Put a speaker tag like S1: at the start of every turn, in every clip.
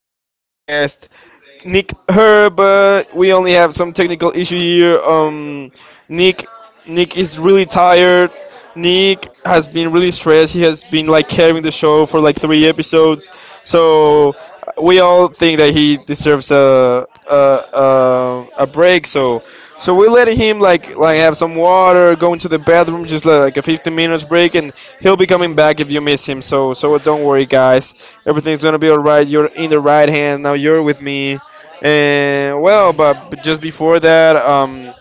S1: my special guest Nick Herb. But we only have some technical issue here. Nick, Nick, is really tired. Nick has been really stressed. He has been like carrying the show for like three episodes. So we all think that he deserves a break. So. So we let him like have some water, go into the bathroom, just like a 15 minutes break, and he'll be coming back if you miss him. So don't worry, guys. Everything's gonna be all right. You're in the right hand now. You're with me. And well, but just before that, um,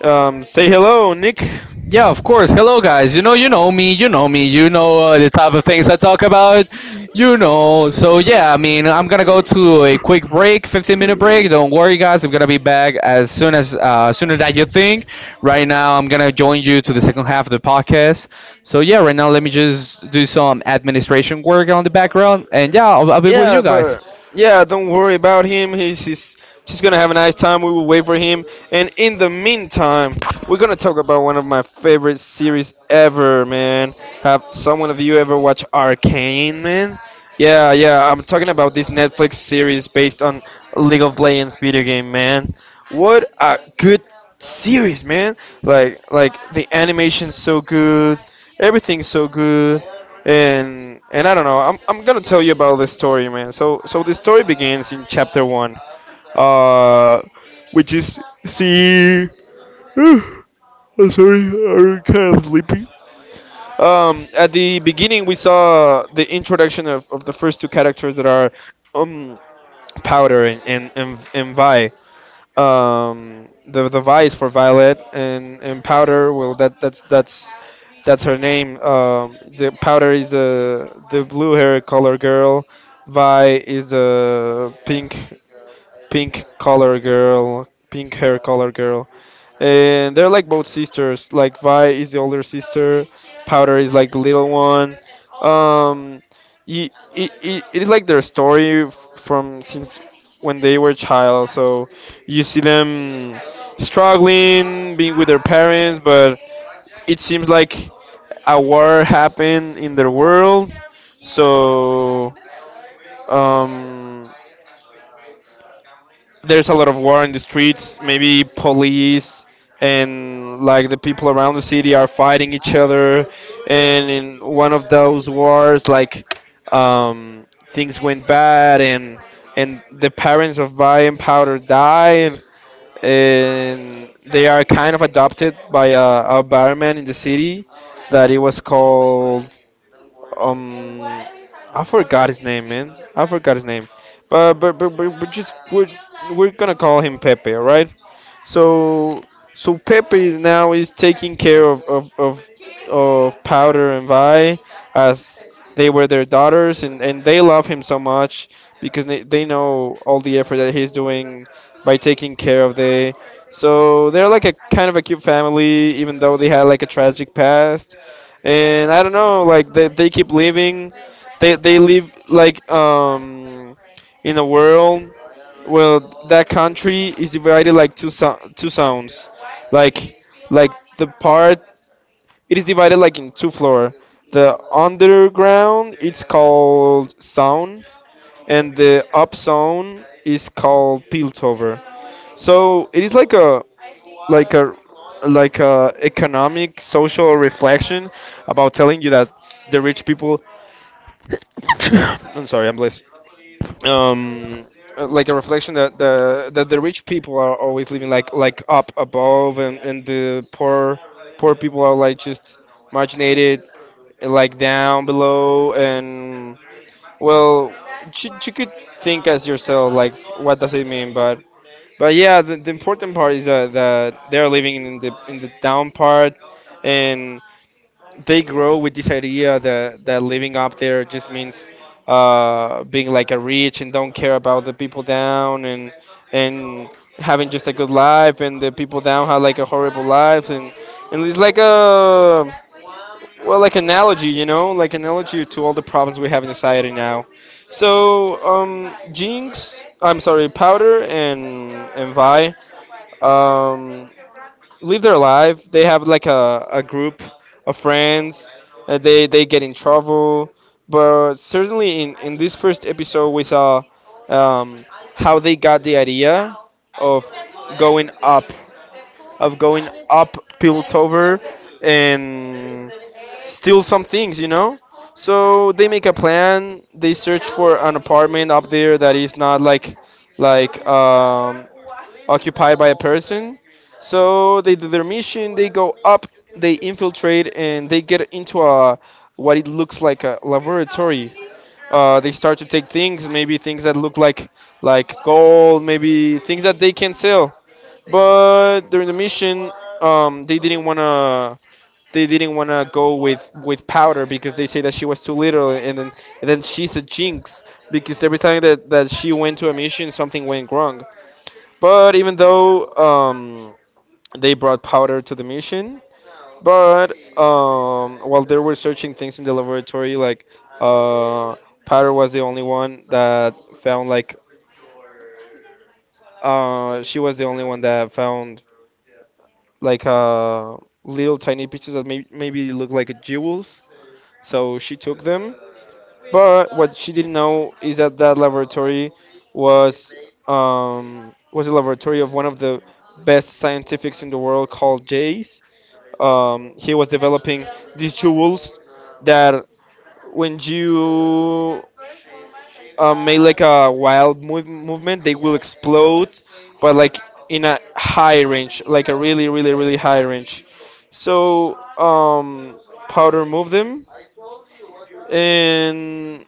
S1: um, say hello, Nick.
S2: Yeah, of course. Hello, guys. You know me. You know me. You know the type of things I talk about. So yeah, I mean, I'm gonna go to a quick break, 15-minute break. Don't worry, guys. I'm gonna be back as soon as sooner than you think. Right now, I'm gonna join you to the second half of the podcast. So yeah, right now, let me just do some administration work on the background, and yeah, I'll be with
S1: Yeah,
S2: you guys.
S1: but yeah, don't worry about him. He's just gonna have a nice time. We will wait for him. And in the meantime, we're gonna talk about one of my favorite series ever, man. Have someone of you ever watched Arcane, man? Yeah, yeah, I'm talking about this Netflix series based on League of Legends video game, man. What a good series, man. Like the animation's so good, everything's so good. And I don't know. I'm gonna tell you about this story, man. So the story begins in chapter one, uh, which is see. I'm sorry, I'm kind of sleepy. At the beginning, we saw the introduction of the first two characters that are um, Powder and Vi, the vice for Violet, and Powder, well that's that's her name. The Powder is the blue hair color girl. Vi is the pink color girl, pink hair color girl, and they're like both sisters. Like Vi is the older sister, Powder is like the little one. Um, it is like their story from since when they were child. So you see them struggling, being with their parents, but it seems like a war happened in their world. So um, there's a lot of war in the streets. Maybe police and like the people around the city are fighting each other. And in one of those wars, like things went bad, and the parents of Brian Powder died, and they are kind of adopted by a barman in the city that it was called um I forgot his name, man. I forgot his name. But we're gonna call him Pepe, all right? So so Pepe is now is taking care of Powder and Vi as they were their daughters, and they love him so much because they know all the effort that he's doing by taking care of they. So they're like a kind of a cute family, even though they had like a tragic past, and I don't know, like they keep living, they live like in a world, well, that country is divided like two two zones, like like the part it is divided like in two floor. The underground it's called zone, and the up zone is called Piltover. So it is like a like a like a economic social reflection about telling you that the rich people I'm sorry, I'm blessed. Um, like a reflection that the rich people are always living like up above, and the poor people are like just marginated, like down below, and well, you could think as yourself like what does it mean, but yeah, the important part is that they're living in the down part, and they grow with this idea that living up there just means being like a rich and don't care about the people down, and having just a good life, and the people down have like a horrible life, and it's like a, well, like analogy, you know, like analogy to all the problems we have in society now. So, Jinx, I'm sorry, Powder, and Vi, um, live their life. They have like a group of friends. They get in trouble, but certainly in this first episode we saw um, how they got the idea of going up, of going up Piltover, and steal some things, you know. So they make a plan. They search for an apartment up there that is not like like um, occupied by a person. So they do their mission, they go up, they infiltrate, and they get into a what it looks like a laboratory. They start to take things, maybe things that look like gold, maybe things that they can sell. But during the mission, um, they didn't wanna they didn't wanna go with powder because they say that she was too little, and then she's a jinx because every time that she went to a mission, something went wrong. But even though they brought powder to the mission, but while they were searching things in the laboratory, like uh, powder was the only one that found like she was the only one that found like little tiny pieces that maybe look like jewels. So she took them. But what she didn't know is that that laboratory was, was a laboratory of one of the best scientifics in the world called Jace. He was developing these jewels that when you make like a wild movement, they will explode, but like in a high range, like a really, really, really high range. So powder move them and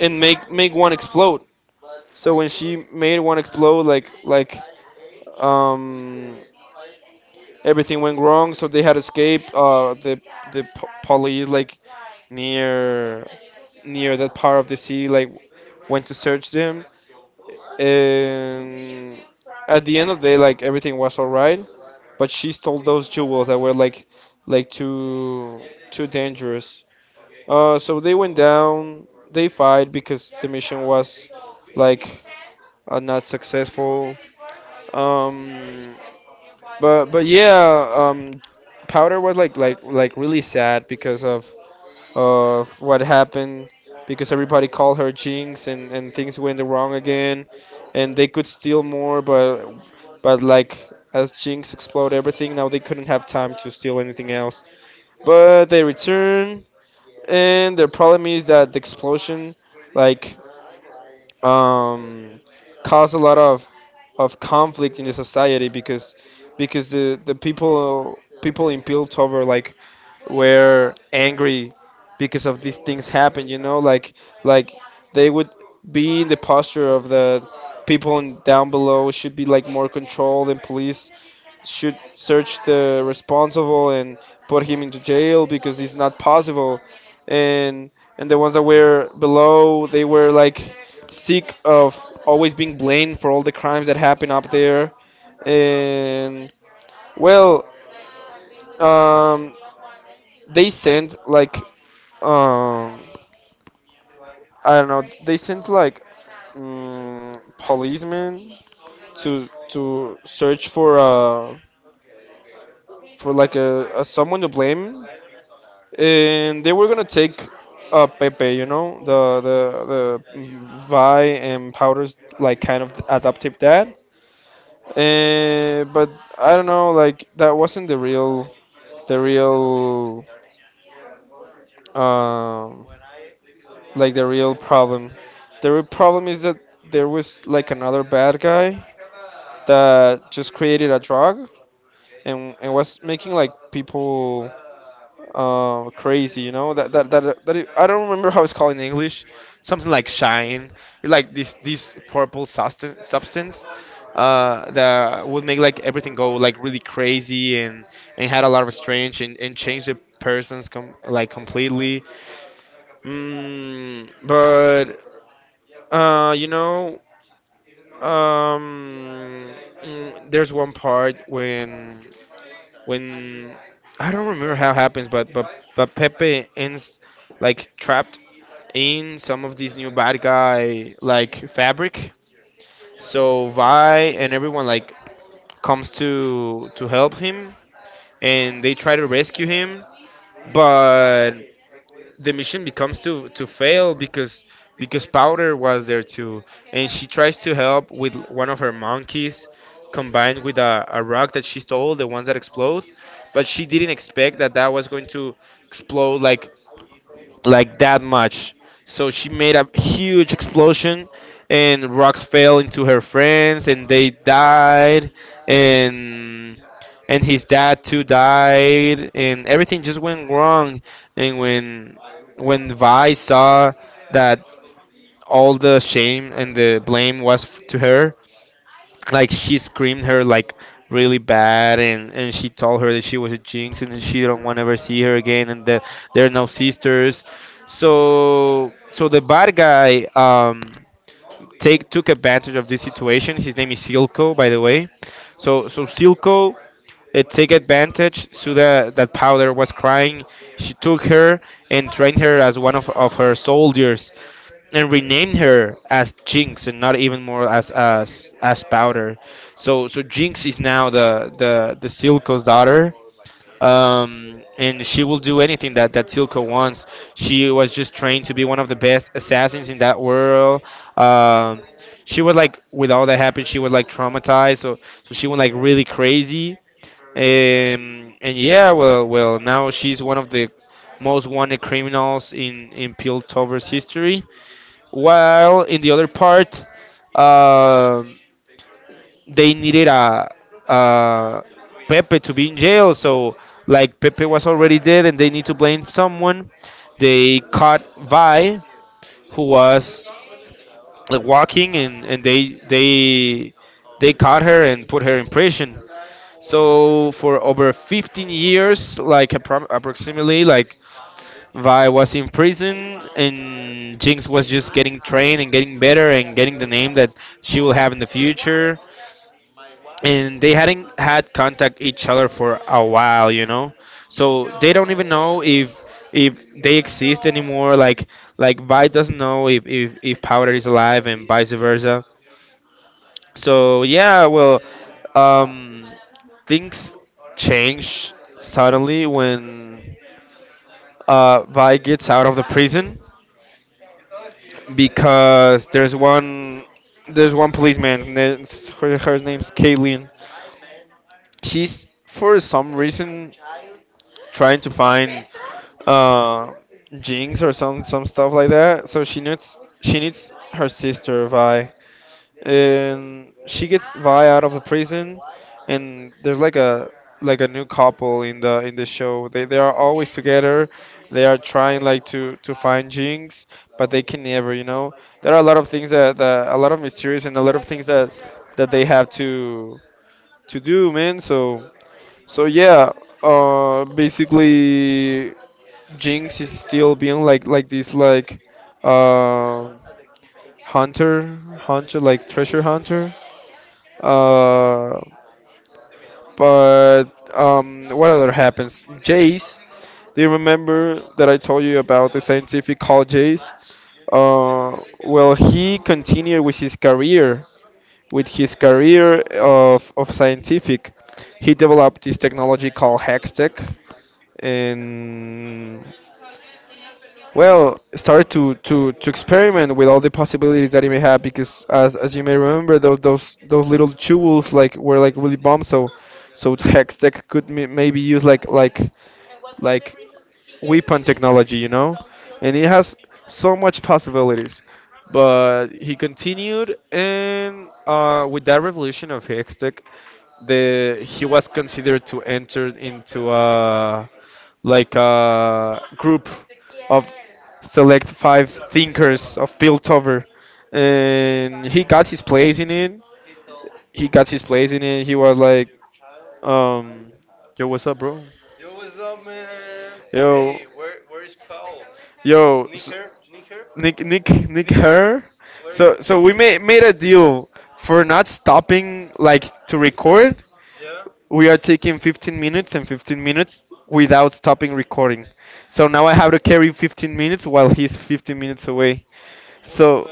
S1: and make one explode. So when she made one explode, like um, everything went wrong. So they had escaped. The police like near near that part of the city like went to search them, and at the end of the day like everything was all right, but she stole those jewels that were like too dangerous. So they went down, they fight because the mission was like, not successful. um but yeah, powder was like really sad because of what happened, because everybody called her Jinx, and things went wrong again, and they could steal more, but like as Jinx exploded everything, now they couldn't have time to steal anything else. But they return, and their problem is that the explosion, like um, cause a lot of conflict in the society, because the people in Piltover, like, were angry because of these things happen, you know, like they would be in the posture of the people in, down below should be like more controlled, and police should search the responsible and put him into jail because it's not possible, and and the ones that were below, they were like sick of always being blamed for all the crimes that happen up there. And, well, um, they sent like um, I don't know. They sent like policemen to search for like a someone to blame, and they were gonna take Pepe, you know, the Vi and Powder's like kind of adoptive dad. But I don't know, like that wasn't the real, um, like the real problem. The real problem is that there was like another bad guy that just created a drug, and was making like people crazy, you know, that it, I don't remember how it's called in english, something like shine, like this purple substance that would make like everything go like really crazy, and had a lot of strange, and change the persons like completely. But you know, um there's one part when when I don't remember how it happens, but Pepe ends like trapped in some of these new bad guy like fabric. So Vi and everyone like comes to help him, and they try to rescue him, but the mission becomes to fail because Powder was there too, and she tries to help with one of her monkeys combined with a rock that she stole, the ones that explode, but she didn't expect that that was going to explode like that much. So she made a huge explosion, and rocks fell into her friends, and they died, and and his dad too died, and everything just went wrong. And when Vi saw that all the shame and the blame was to her. Like she screamed her like really bad, and she told her that she was a jinx and she don't want to ever see her again, and that they're now sisters. So the bad guy, take took advantage of this situation. His name is Silco, by the way. So Silco, it take advantage. Suda, that powder was crying. She took her and trained her as one of her soldiers, and renamed her as Jinx and not even more as as powder. So Jinx is now the Silco's daughter. And she will do anything that Silco wants. She was just trained to be one of the best assassins in that world. Um, she was like, with all that happened, she was like traumatized. So she went like really crazy. And yeah, well, now she's one of the most wanted criminals in Piltover's history. While in the other part, uh, they needed a Pepe to be in jail. So like Pepe was already dead, and they need to blame someone. They caught Vi, who was like walking, and they caught her and put her in prison. So for over 15 years, like approximately, like Vi was in prison and Jinx was just getting trained and getting better and getting the name that she will have in the future. And they hadn't had contact each other for a while, you know. So they don't even know if they exist anymore. Like Vi doesn't know if if Powder is alive and vice versa. So yeah, well, um, things change suddenly when Vi gets out of the prison, because there's one, there's one policeman. Her name's Caitlin. She's for some reason trying to find, uh, Jinx or some stuff like that. So she needs her sister Vi, and she gets Vi out of the prison. And there's like a, like a new couple in the show. They are always together. They are trying like to find Jinx, but they can never. You know, there are a lot of things that, a lot of mysteries and a lot of things that that they have to do, man. So yeah, basically Jinx is still being like this like uh hunter, like treasure hunter. Uh, but What other happens? Jace. Do you remember that I told you about the scientific called Jace? Well, he continued with his career of scientific. He developed this technology called Hextech, and well, start to experiment with all the possibilities that it may have, because as you may remember, those those little tools like were like really bomb. So Hextech could maybe use like weapon technology, you know, and it has so much possibilities. But he continued, and with that revolution of Hextech, the he was considered to enter into a, like a group of select five thinkers of Piltover, and he got his place in it. He got his place in it. He was like, um, yo, what's up, bro? Yo, yo, s- Nick, Nick, her. So we made a deal for not stopping like to record. We are taking 15 minutes and 15 minutes without stopping recording. So now I have to carry 15 minutes while he's 15 minutes away. So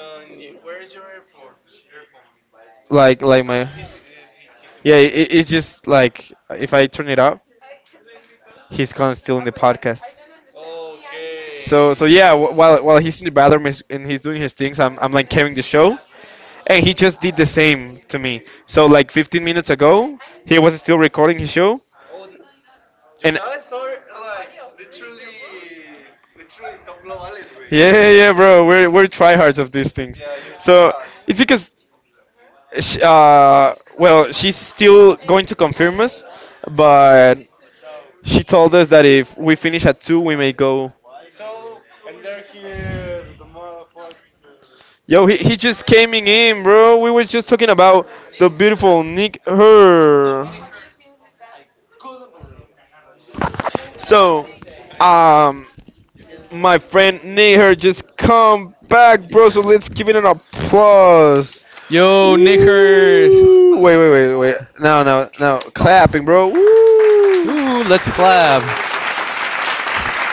S1: like my, yeah, it's just like if I turn it up, he's gone still in the podcast. So yeah, while he's in the bathroom and he's doing his things, I'm like carrying the show, and he just did the same to me. So like 15 minutes ago, he was still recording his show. And yeah, yeah, bro, we're tryhards of these things. So it's because, sh well, she's still going to confirm us, but she told us that if we finish at two, we may go. Yo, he just came in, bro. We were just talking about the beautiful Nick her. So, um, my friend Nihar just come back, bro. So let's give it an applause.
S2: Yo, knickers.
S1: Woo! Wait, wait. No, No.
S2: No.
S1: Clapping, bro. Woo!
S2: Ooh, let's clap.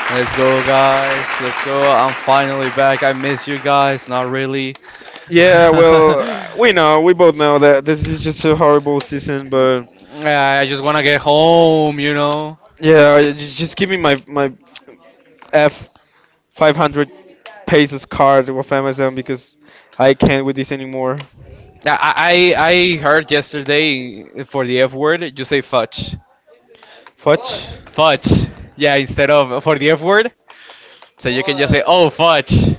S2: Let's go, guys. Let's go. I'm finally back. I miss you guys. Not really.
S1: Yeah, well,
S2: I
S1: we know, we both know that this is just a horrible season, but
S2: I just want to get home, you know.
S1: yeah, just give me my F 500 pesos card of Amazon, because I can't with this anymore.
S2: Yeah, I heard yesterday for the F word, you say fudge.
S1: Fudge.
S2: Fudge. Yeah, instead of for the F word, so you can just say, oh, fudge.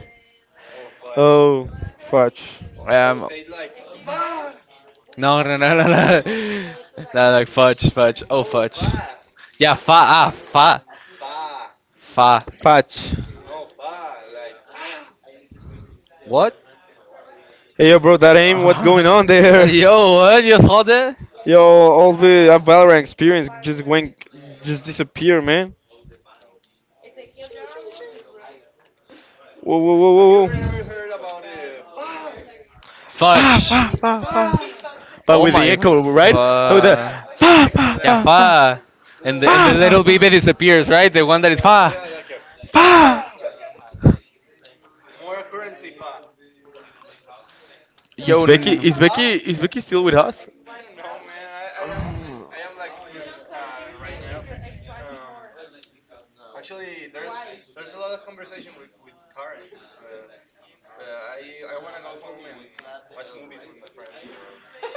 S1: Oh, fudge.
S2: Um, no, no, no, no, no. No, like fudge, fudge. Oh, fudge. Yeah, fa, ah, fa, fa.
S1: Fudge.
S2: What?
S1: Hey yo, bro, that aim, what's going
S2: Uh,
S1: on there?
S2: Yo, what? You saw that?
S1: Yo, all the Valorant experience just went, just disappeared, man. Whoa. Fa,
S2: Fudge.
S1: fa, fa, fa. But
S2: Oh
S1: with the
S2: my.
S1: echo, right? With the
S2: Fa.
S1: fa, fa,
S2: Yeah,
S1: fa, fa,
S2: fa. And
S1: fa,
S2: the little baby
S1: fa,
S2: disappears, right? The one that is fa.
S1: fa.
S2: Yo. n-
S1: Is Becky still with us? Oh.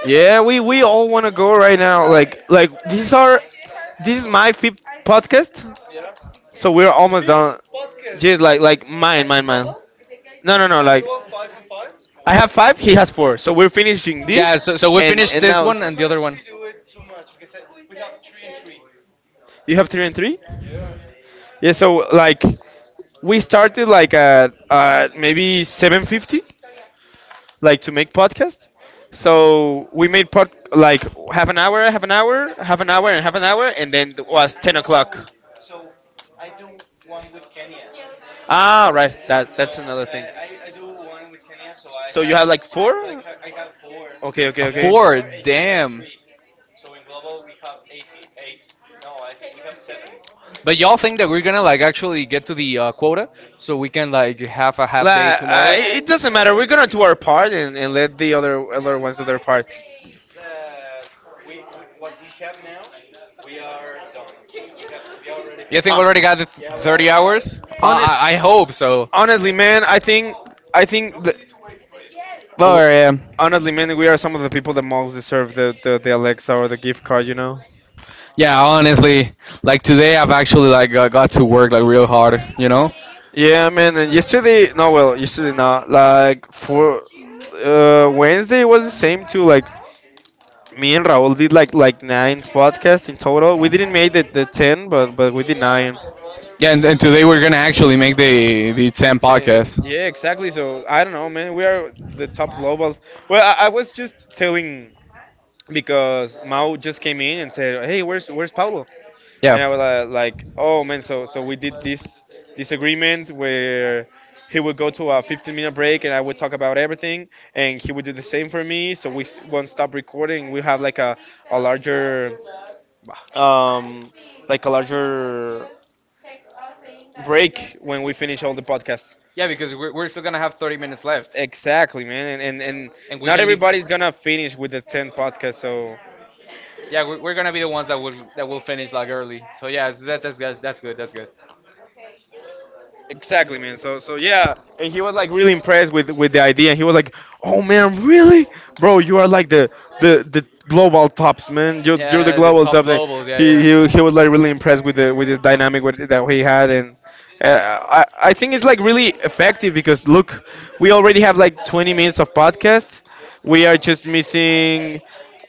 S1: Yeah, we all want to go right now. Like these are, this is my fifth podcast, so we're almost done. Just like mine. No No like. I have five. He has four. So we're finishing
S2: Yeah,
S1: this,
S2: so, so we
S1: and
S2: finished
S1: and
S2: this
S1: now
S2: one and the other one.
S1: you have three and three. Yeah. So like we started like at maybe 7:50, like to make podcast. So we made pod, like half an hour, half an hour, half an hour, and half an hour, and then it was 10 o'clock. Ah, right. That that's another thing. So you have like four?
S2: A
S1: Okay.
S2: four, damn. But y'all think that we're gonna like actually get to the quota so we can like have a half day
S1: Like, I,
S2: tomorrow?
S1: it doesn't matter. We're gonna do our part and let the other other ones do their part.
S2: You think we already got 30 hours? Uh,
S1: Hone-
S2: I, I hope so.
S1: honestly, man, I think that
S2: But yeah,
S1: honestly, man, we are some of the people that most deserve the Alexa or the gift card, you know?
S2: yeah. Honestly, like today, I've actually like got to work like real hard. You know.
S1: Yeah, man. And yesterday, no, well, yesterday not. Like for Wednesday was the same too. Like me and Raul did like nine podcasts in total. We didn't make the ten, but we did nine.
S2: Yeah, and today we're gonna actually make the ten podcast.
S1: Yeah, exactly. So I don't know, man. We are the top globals. Well, I was just telling because Mao just came in and said, "Hey, where's Paulo?"
S2: Yeah.
S1: And I was like, "Oh man!" So so we did this, this agreement where he would go to a 15-minute break, and I would talk about everything, and he would do the same for me. So we won't stop recording. We have like a larger, um like a larger break when we finish all the podcasts.
S2: Yeah, because we're still gonna have 30 minutes left,
S1: Exactly, man. And and
S2: and we
S1: not
S2: can leave.
S1: everybody's gonna finish with the 10 podcasts, so.
S2: Yeah, we're gonna be the ones that will finish like early. So yeah, that's good. That's good.
S1: Exactly, man. So, so yeah, and he was like really impressed with the idea. And he was like, "Oh man, really, bro? You are like the global tops, man. You're the
S2: Yeah, the
S1: global
S2: top
S1: top." man."
S2: globals. Yeah, yeah.
S1: He was like really impressed with the dynamic that he had. And uh, I think it's like really effective, because look, we already have like 20 minutes of podcast. We are just missing.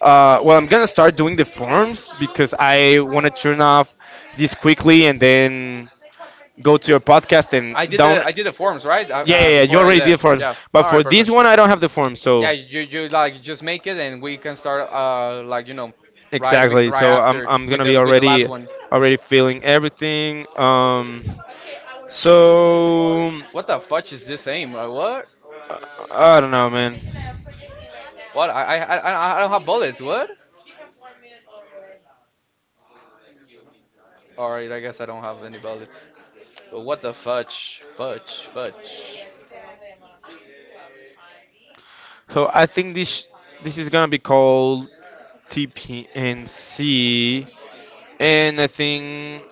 S1: Well, I'm gonna start doing the forms because I want to turn off this quickly and then go to your podcast and down.
S2: I did the forms right
S1: Yeah, yeah, yeah. You
S2: before I
S1: already did
S2: left.
S1: forms,
S2: Yeah.
S1: but
S2: All
S1: for
S2: right,
S1: this
S2: perfect.
S1: one, I don't have the form. So
S2: Yeah, you like just make it and we can start like you know,
S1: exactly.
S2: right
S1: So
S2: after
S1: I'm
S2: with
S1: gonna
S2: the
S1: be
S2: with the last
S1: already,
S2: one.
S1: already feeling everything. So this?
S2: What the fudge is this aim? What?
S1: uh, I don't know, man.
S2: What? I don't have bullets. What? All right, I guess I don't have any bullets. But what the fudge? Fudge, fudge.
S1: So I think this, this is gonna be called TPNC, and I think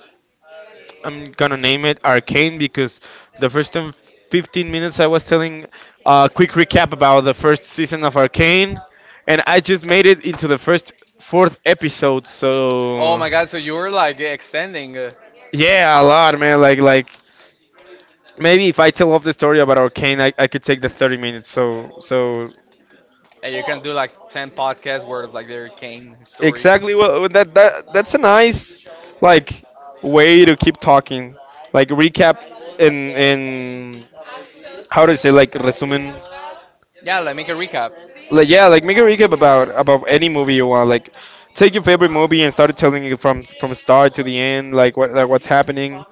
S1: I'm gonna name it Arcane because the first 10, 15 minutes I was telling a quick recap about the first season of Arcane, and I just made it into the first fourth episode.
S2: Oh
S1: So
S2: my God! So you were like extending,
S1: yeah, a lot, man. Like maybe if I tell off the story about Arcane, I could take the 30 minutes. So so
S2: and you can do like ten podcasts worth of like their Kane story.
S1: exactly. What that that's a nice like way to keep talking, like recap and how to say, like resumen.
S2: Yeah, like make a recap.
S1: Like yeah, like make a recap about any movie you want. Like take your favorite movie and start telling it from start to the end. Like what like what's happening.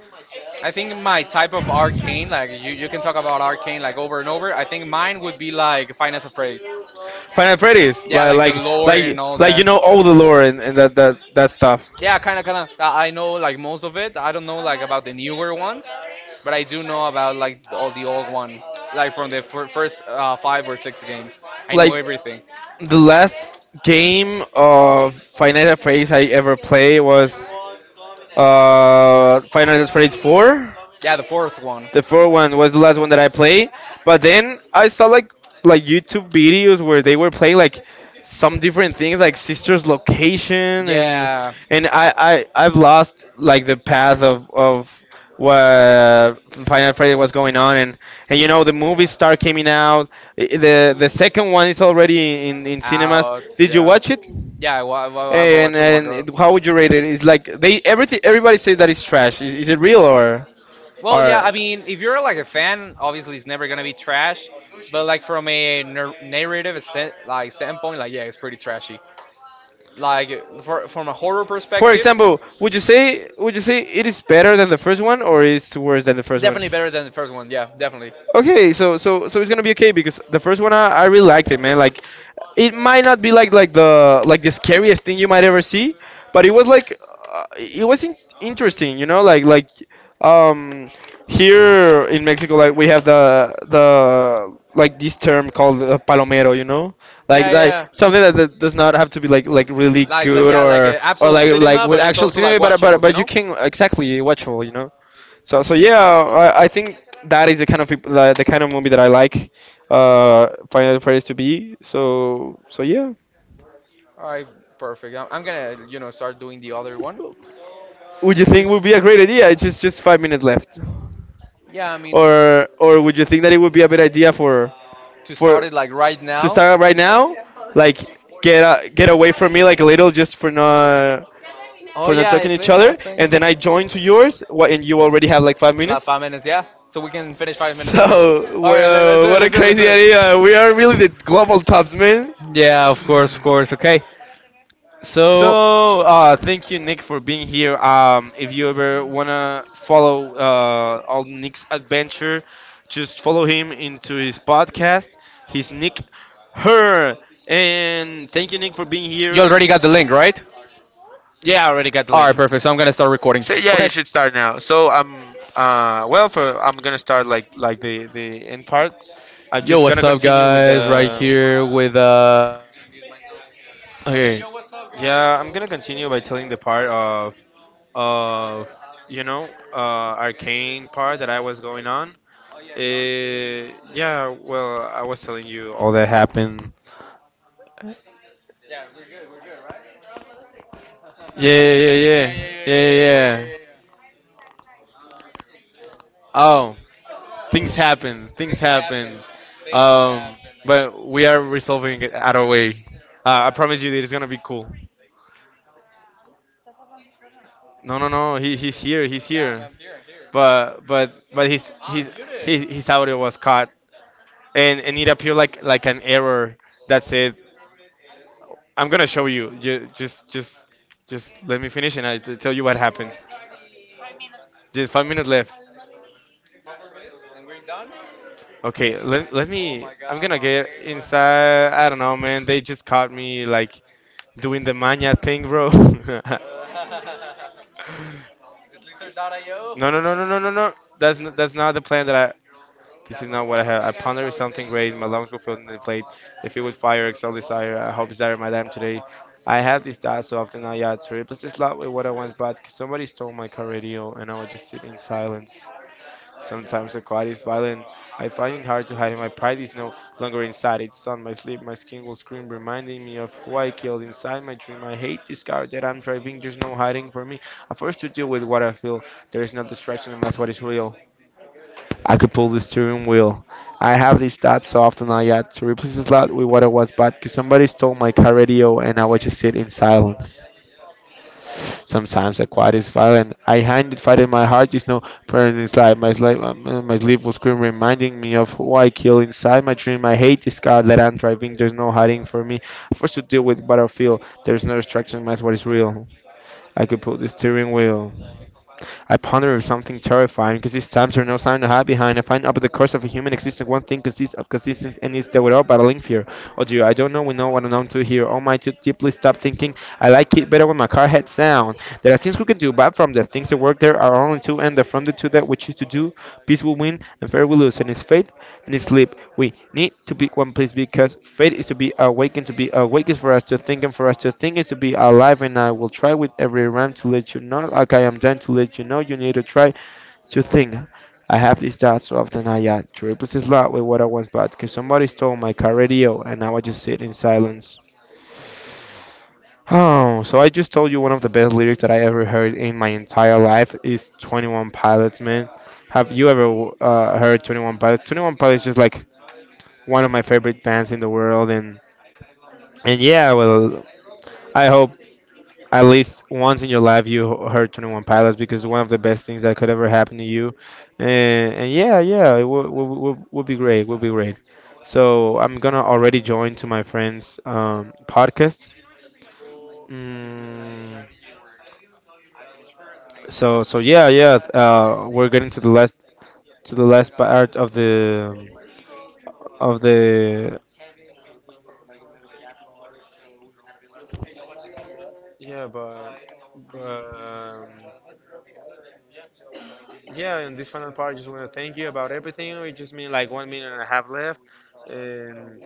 S2: I think my type of arcane, like you can talk about arcane like over and over. I think mine would be like Finance of Freddy.
S1: Final Freddy's,
S2: Yeah,
S1: like
S2: like the lore and all
S1: you
S2: that.
S1: know all the lore, and that stuff.
S2: Yeah, kind of, kind of. I know like most of it. I don't know like about the newer ones, but I do know about like all the old one, like from the first five or six games. I know
S1: Like
S2: everything.
S1: the last game of Final Freddy's I ever played was Final Freddy's Four.
S2: Yeah, the fourth one.
S1: The fourth one was the last one that I played, but then I saw like YouTube videos where they were playing like some different things like Sister's Location. and
S2: Yeah,
S1: and I've lost like the path of what Final Freddy was going on. And you know the movies start coming out. The second one is already in cinemas.
S2: out.
S1: Did you
S2: Yeah,
S1: watch it?
S2: yeah. I've
S1: And
S2: watched with my girl.
S1: how would you rate it? It's like they, everything everybody says that it's trash. Is it real or
S2: Well, yeah,
S1: or?
S2: I mean, if you're like a fan, obviously it's never gonna be trash, but like from a narrative like standpoint, like yeah, it's pretty trashy. Like from a horror
S1: For
S2: perspective,
S1: example, would you say, it is better than the first one or is worse than the first one?
S2: definitely better than the first one. Yeah, definitely.
S1: Okay, so it's gonna be okay because the first one I really liked it, man. Like, it might not be the scariest thing you might ever see, but it was like uh, it was in- interesting, you know. Um Here in Mexico, like we have the like this term called palomero, you know,
S2: Yeah, yeah.
S1: something that does not have to be really
S2: Like
S1: good
S2: yeah, like
S1: or
S2: absolute cinema,
S1: with
S2: but it's
S1: actual
S2: also like
S1: cinema, but
S2: watchable, you
S1: you
S2: know?
S1: can exactly watchable, you know. So yeah, I think that is the kind of people the kind of movie that I like Final Freddy's to be. So yeah.
S2: All right, perfect. I'm gonna, you know, start doing the other one.
S1: Would you think
S2: Just,
S1: would be a great idea? It's just 5 minutes left.
S2: yeah, I mean,
S1: Or would you think that it would be a bad idea
S2: to
S1: for
S2: start it like right
S1: to
S2: now.
S1: start right now? Like get a, get away from me like a little just
S2: Oh
S1: for not
S2: yeah,
S1: talking to each
S2: I
S1: other
S2: think.
S1: and then I join to yours what and you already have like 5
S2: La
S1: minutes?
S2: 5 minutes, yeah. So
S1: So,
S2: we
S1: we
S2: can
S1: can finish
S2: finish five
S1: five
S2: minutes
S1: minutes.
S2: early.
S1: So,
S2: All right, let's
S1: well,
S2: do it.
S1: what a
S2: Let's do it. Let's do
S1: crazy idea. We are really the
S2: it.
S1: global tops, man.
S2: Yeah, of course, of course. Okay. So
S1: So, thank you, Nick, for being here. If you ever wanna follow all Nick's adventure, just follow him into his podcast. He's Nick Her, and thank you, Nick, for being
S2: you
S1: here.
S2: already got the link, right?
S1: Yeah, I already got the
S2: All right,
S1: link.
S2: perfect. So I'm gonna start recording.
S1: So yeah,
S2: Okay.
S1: you should start now. So I'm well for I'm gonna start like the end part. I'm
S2: Yo,
S1: just
S2: what's
S1: gonna
S2: up,
S1: continue. With the.
S2: guys? Right here with
S1: Okay. Yeah, I'm gonna continue by telling the part of you know arcane part that I was going on. Uh, yeah, well, I was telling you all that happened. Yeah, yeah, yeah, yeah, yeah. Yeah, yeah, yeah. Oh, things happen. Things happen. Um, but we are resolving it out of way. I promise you, that it's gonna be cool. No, no, no. He's here. He's here. But his audio was caught and it appeared like an error that said I'm gonna show you. Just just let me finish and tell you what happened. Just 5 minutes left. Okay, let me, I'm gonna get inside. I don't know, man, they just caught me like doing the mania thing, bro. No, no, no. That's not the plan that I— This is not what I have. I ponder is something great. My lungs will fill and inflate. If it would fire, exalt desire. I hope desire my damn today. I have this die so often I had to replace this lot with what I once bought. 'Cause somebody stole my car radio and I would just sit in silence. Sometimes the quiet is violent. I find it hard to hide. It. My pride is no longer inside. It's on my sleep. My skin will scream, reminding me of who I killed inside my dream. I hate this car that I'm driving. There's no hiding for me. I forced to deal with what I feel. There is no distraction and that's what is real. I could pull the steering wheel. I have these thoughts so often I had to replace the slot with what I was bought because somebody stole my car radio and I would just sit in silence. Sometimes the quiet is violent. I hid it, fight in my heart is no pain inside. My, my sleep was scream, reminding me of who I kill inside my dream. I hate this car that I'm driving. There's no hiding for me. Forced to deal with battlefield. There's no distraction. That's what is real. I could pull the steering wheel. I ponder of something terrifying, because these times are no sign to hide behind. I find over the course of a human existence one thing consists of consistent and is that without battling fear. Oh dear, I don't know we know what I'm to here. Oh my to deeply stop thinking. I like it better when my car heads down. There are things we can do, but from the things that work there are only two and affronted to that we choose to do. Peace will win and fair will lose, and it's fate and it's sleep. We need to be one place because fate is to be awakened, to be awake is for us to think, and for us to think is to be alive. And I will try with every rhyme to let you know, like I am done to let you know, you need to try to think. I have these doubts so often I had to replace this lot with what I once bought, cause somebody stole my car radio, and now I just sit in silence. Oh, so I just told you one of the best lyrics that I ever heard in my entire life is 21 Pilots, man. Have you ever heard 21 Pilots? 21 Pilots is just like one of my favorite bands in the world and yeah, well, I hope at least once in your life you heard 21 Pilots because it's one of the best things that could ever happen to you. And yeah, it will be great. Will be great. So I'm gonna already join to my friend's podcast. Mm. So yeah we're getting to the last part of the— Yeah, but but um, yeah, in this final part, I just want to thank you about everything. We just mean like 1 minute and a half left. And,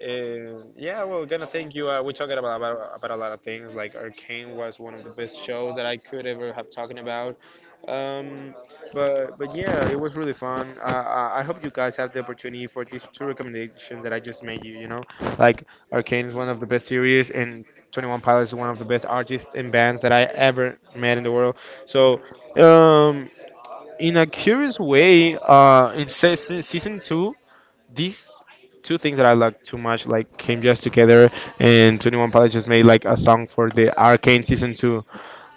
S1: and yeah, well, we're gonna thank you. We talked about a lot of things. Like Arcane was one of the best shows that I could ever have talking about. Um, but yeah, it was really fun. I hope you guys have the opportunity for these two recommendations that I just made you. You know, like Arcane is one of the best series, and 21 Pilots is one of the best artists and bands that I ever met in the world. So um, in a curious way, in season two, these two things that I like too much like came just together, and 21 Pilots just made like a song for the Arcane season two.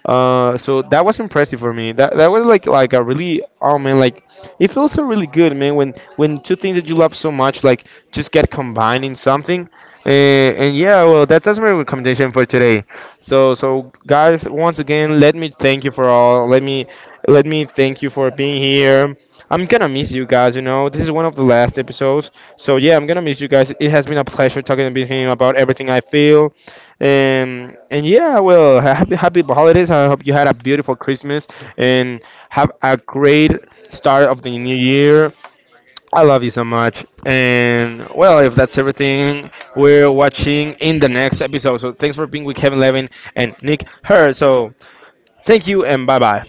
S1: So that was impressive for me. That was like a really oh man like it feels so really good man when two things that you love so much like just get combined in something. And yeah, well that's my recommendation for today. So guys, once again, let me thank you for all. Let me thank you for being here. I'm gonna miss you guys. You know this is one of the last episodes. So yeah, I'm gonna miss you guys. It has been a pleasure talking to you about everything I feel. And yeah, well, happy holidays. I hope you had a beautiful Christmas and have a great start of the new year. I love you so much. And well, if that's everything, we're watching in the next episode. So thanks for being with Kevin Levin and Nick Her. So thank you and bye bye.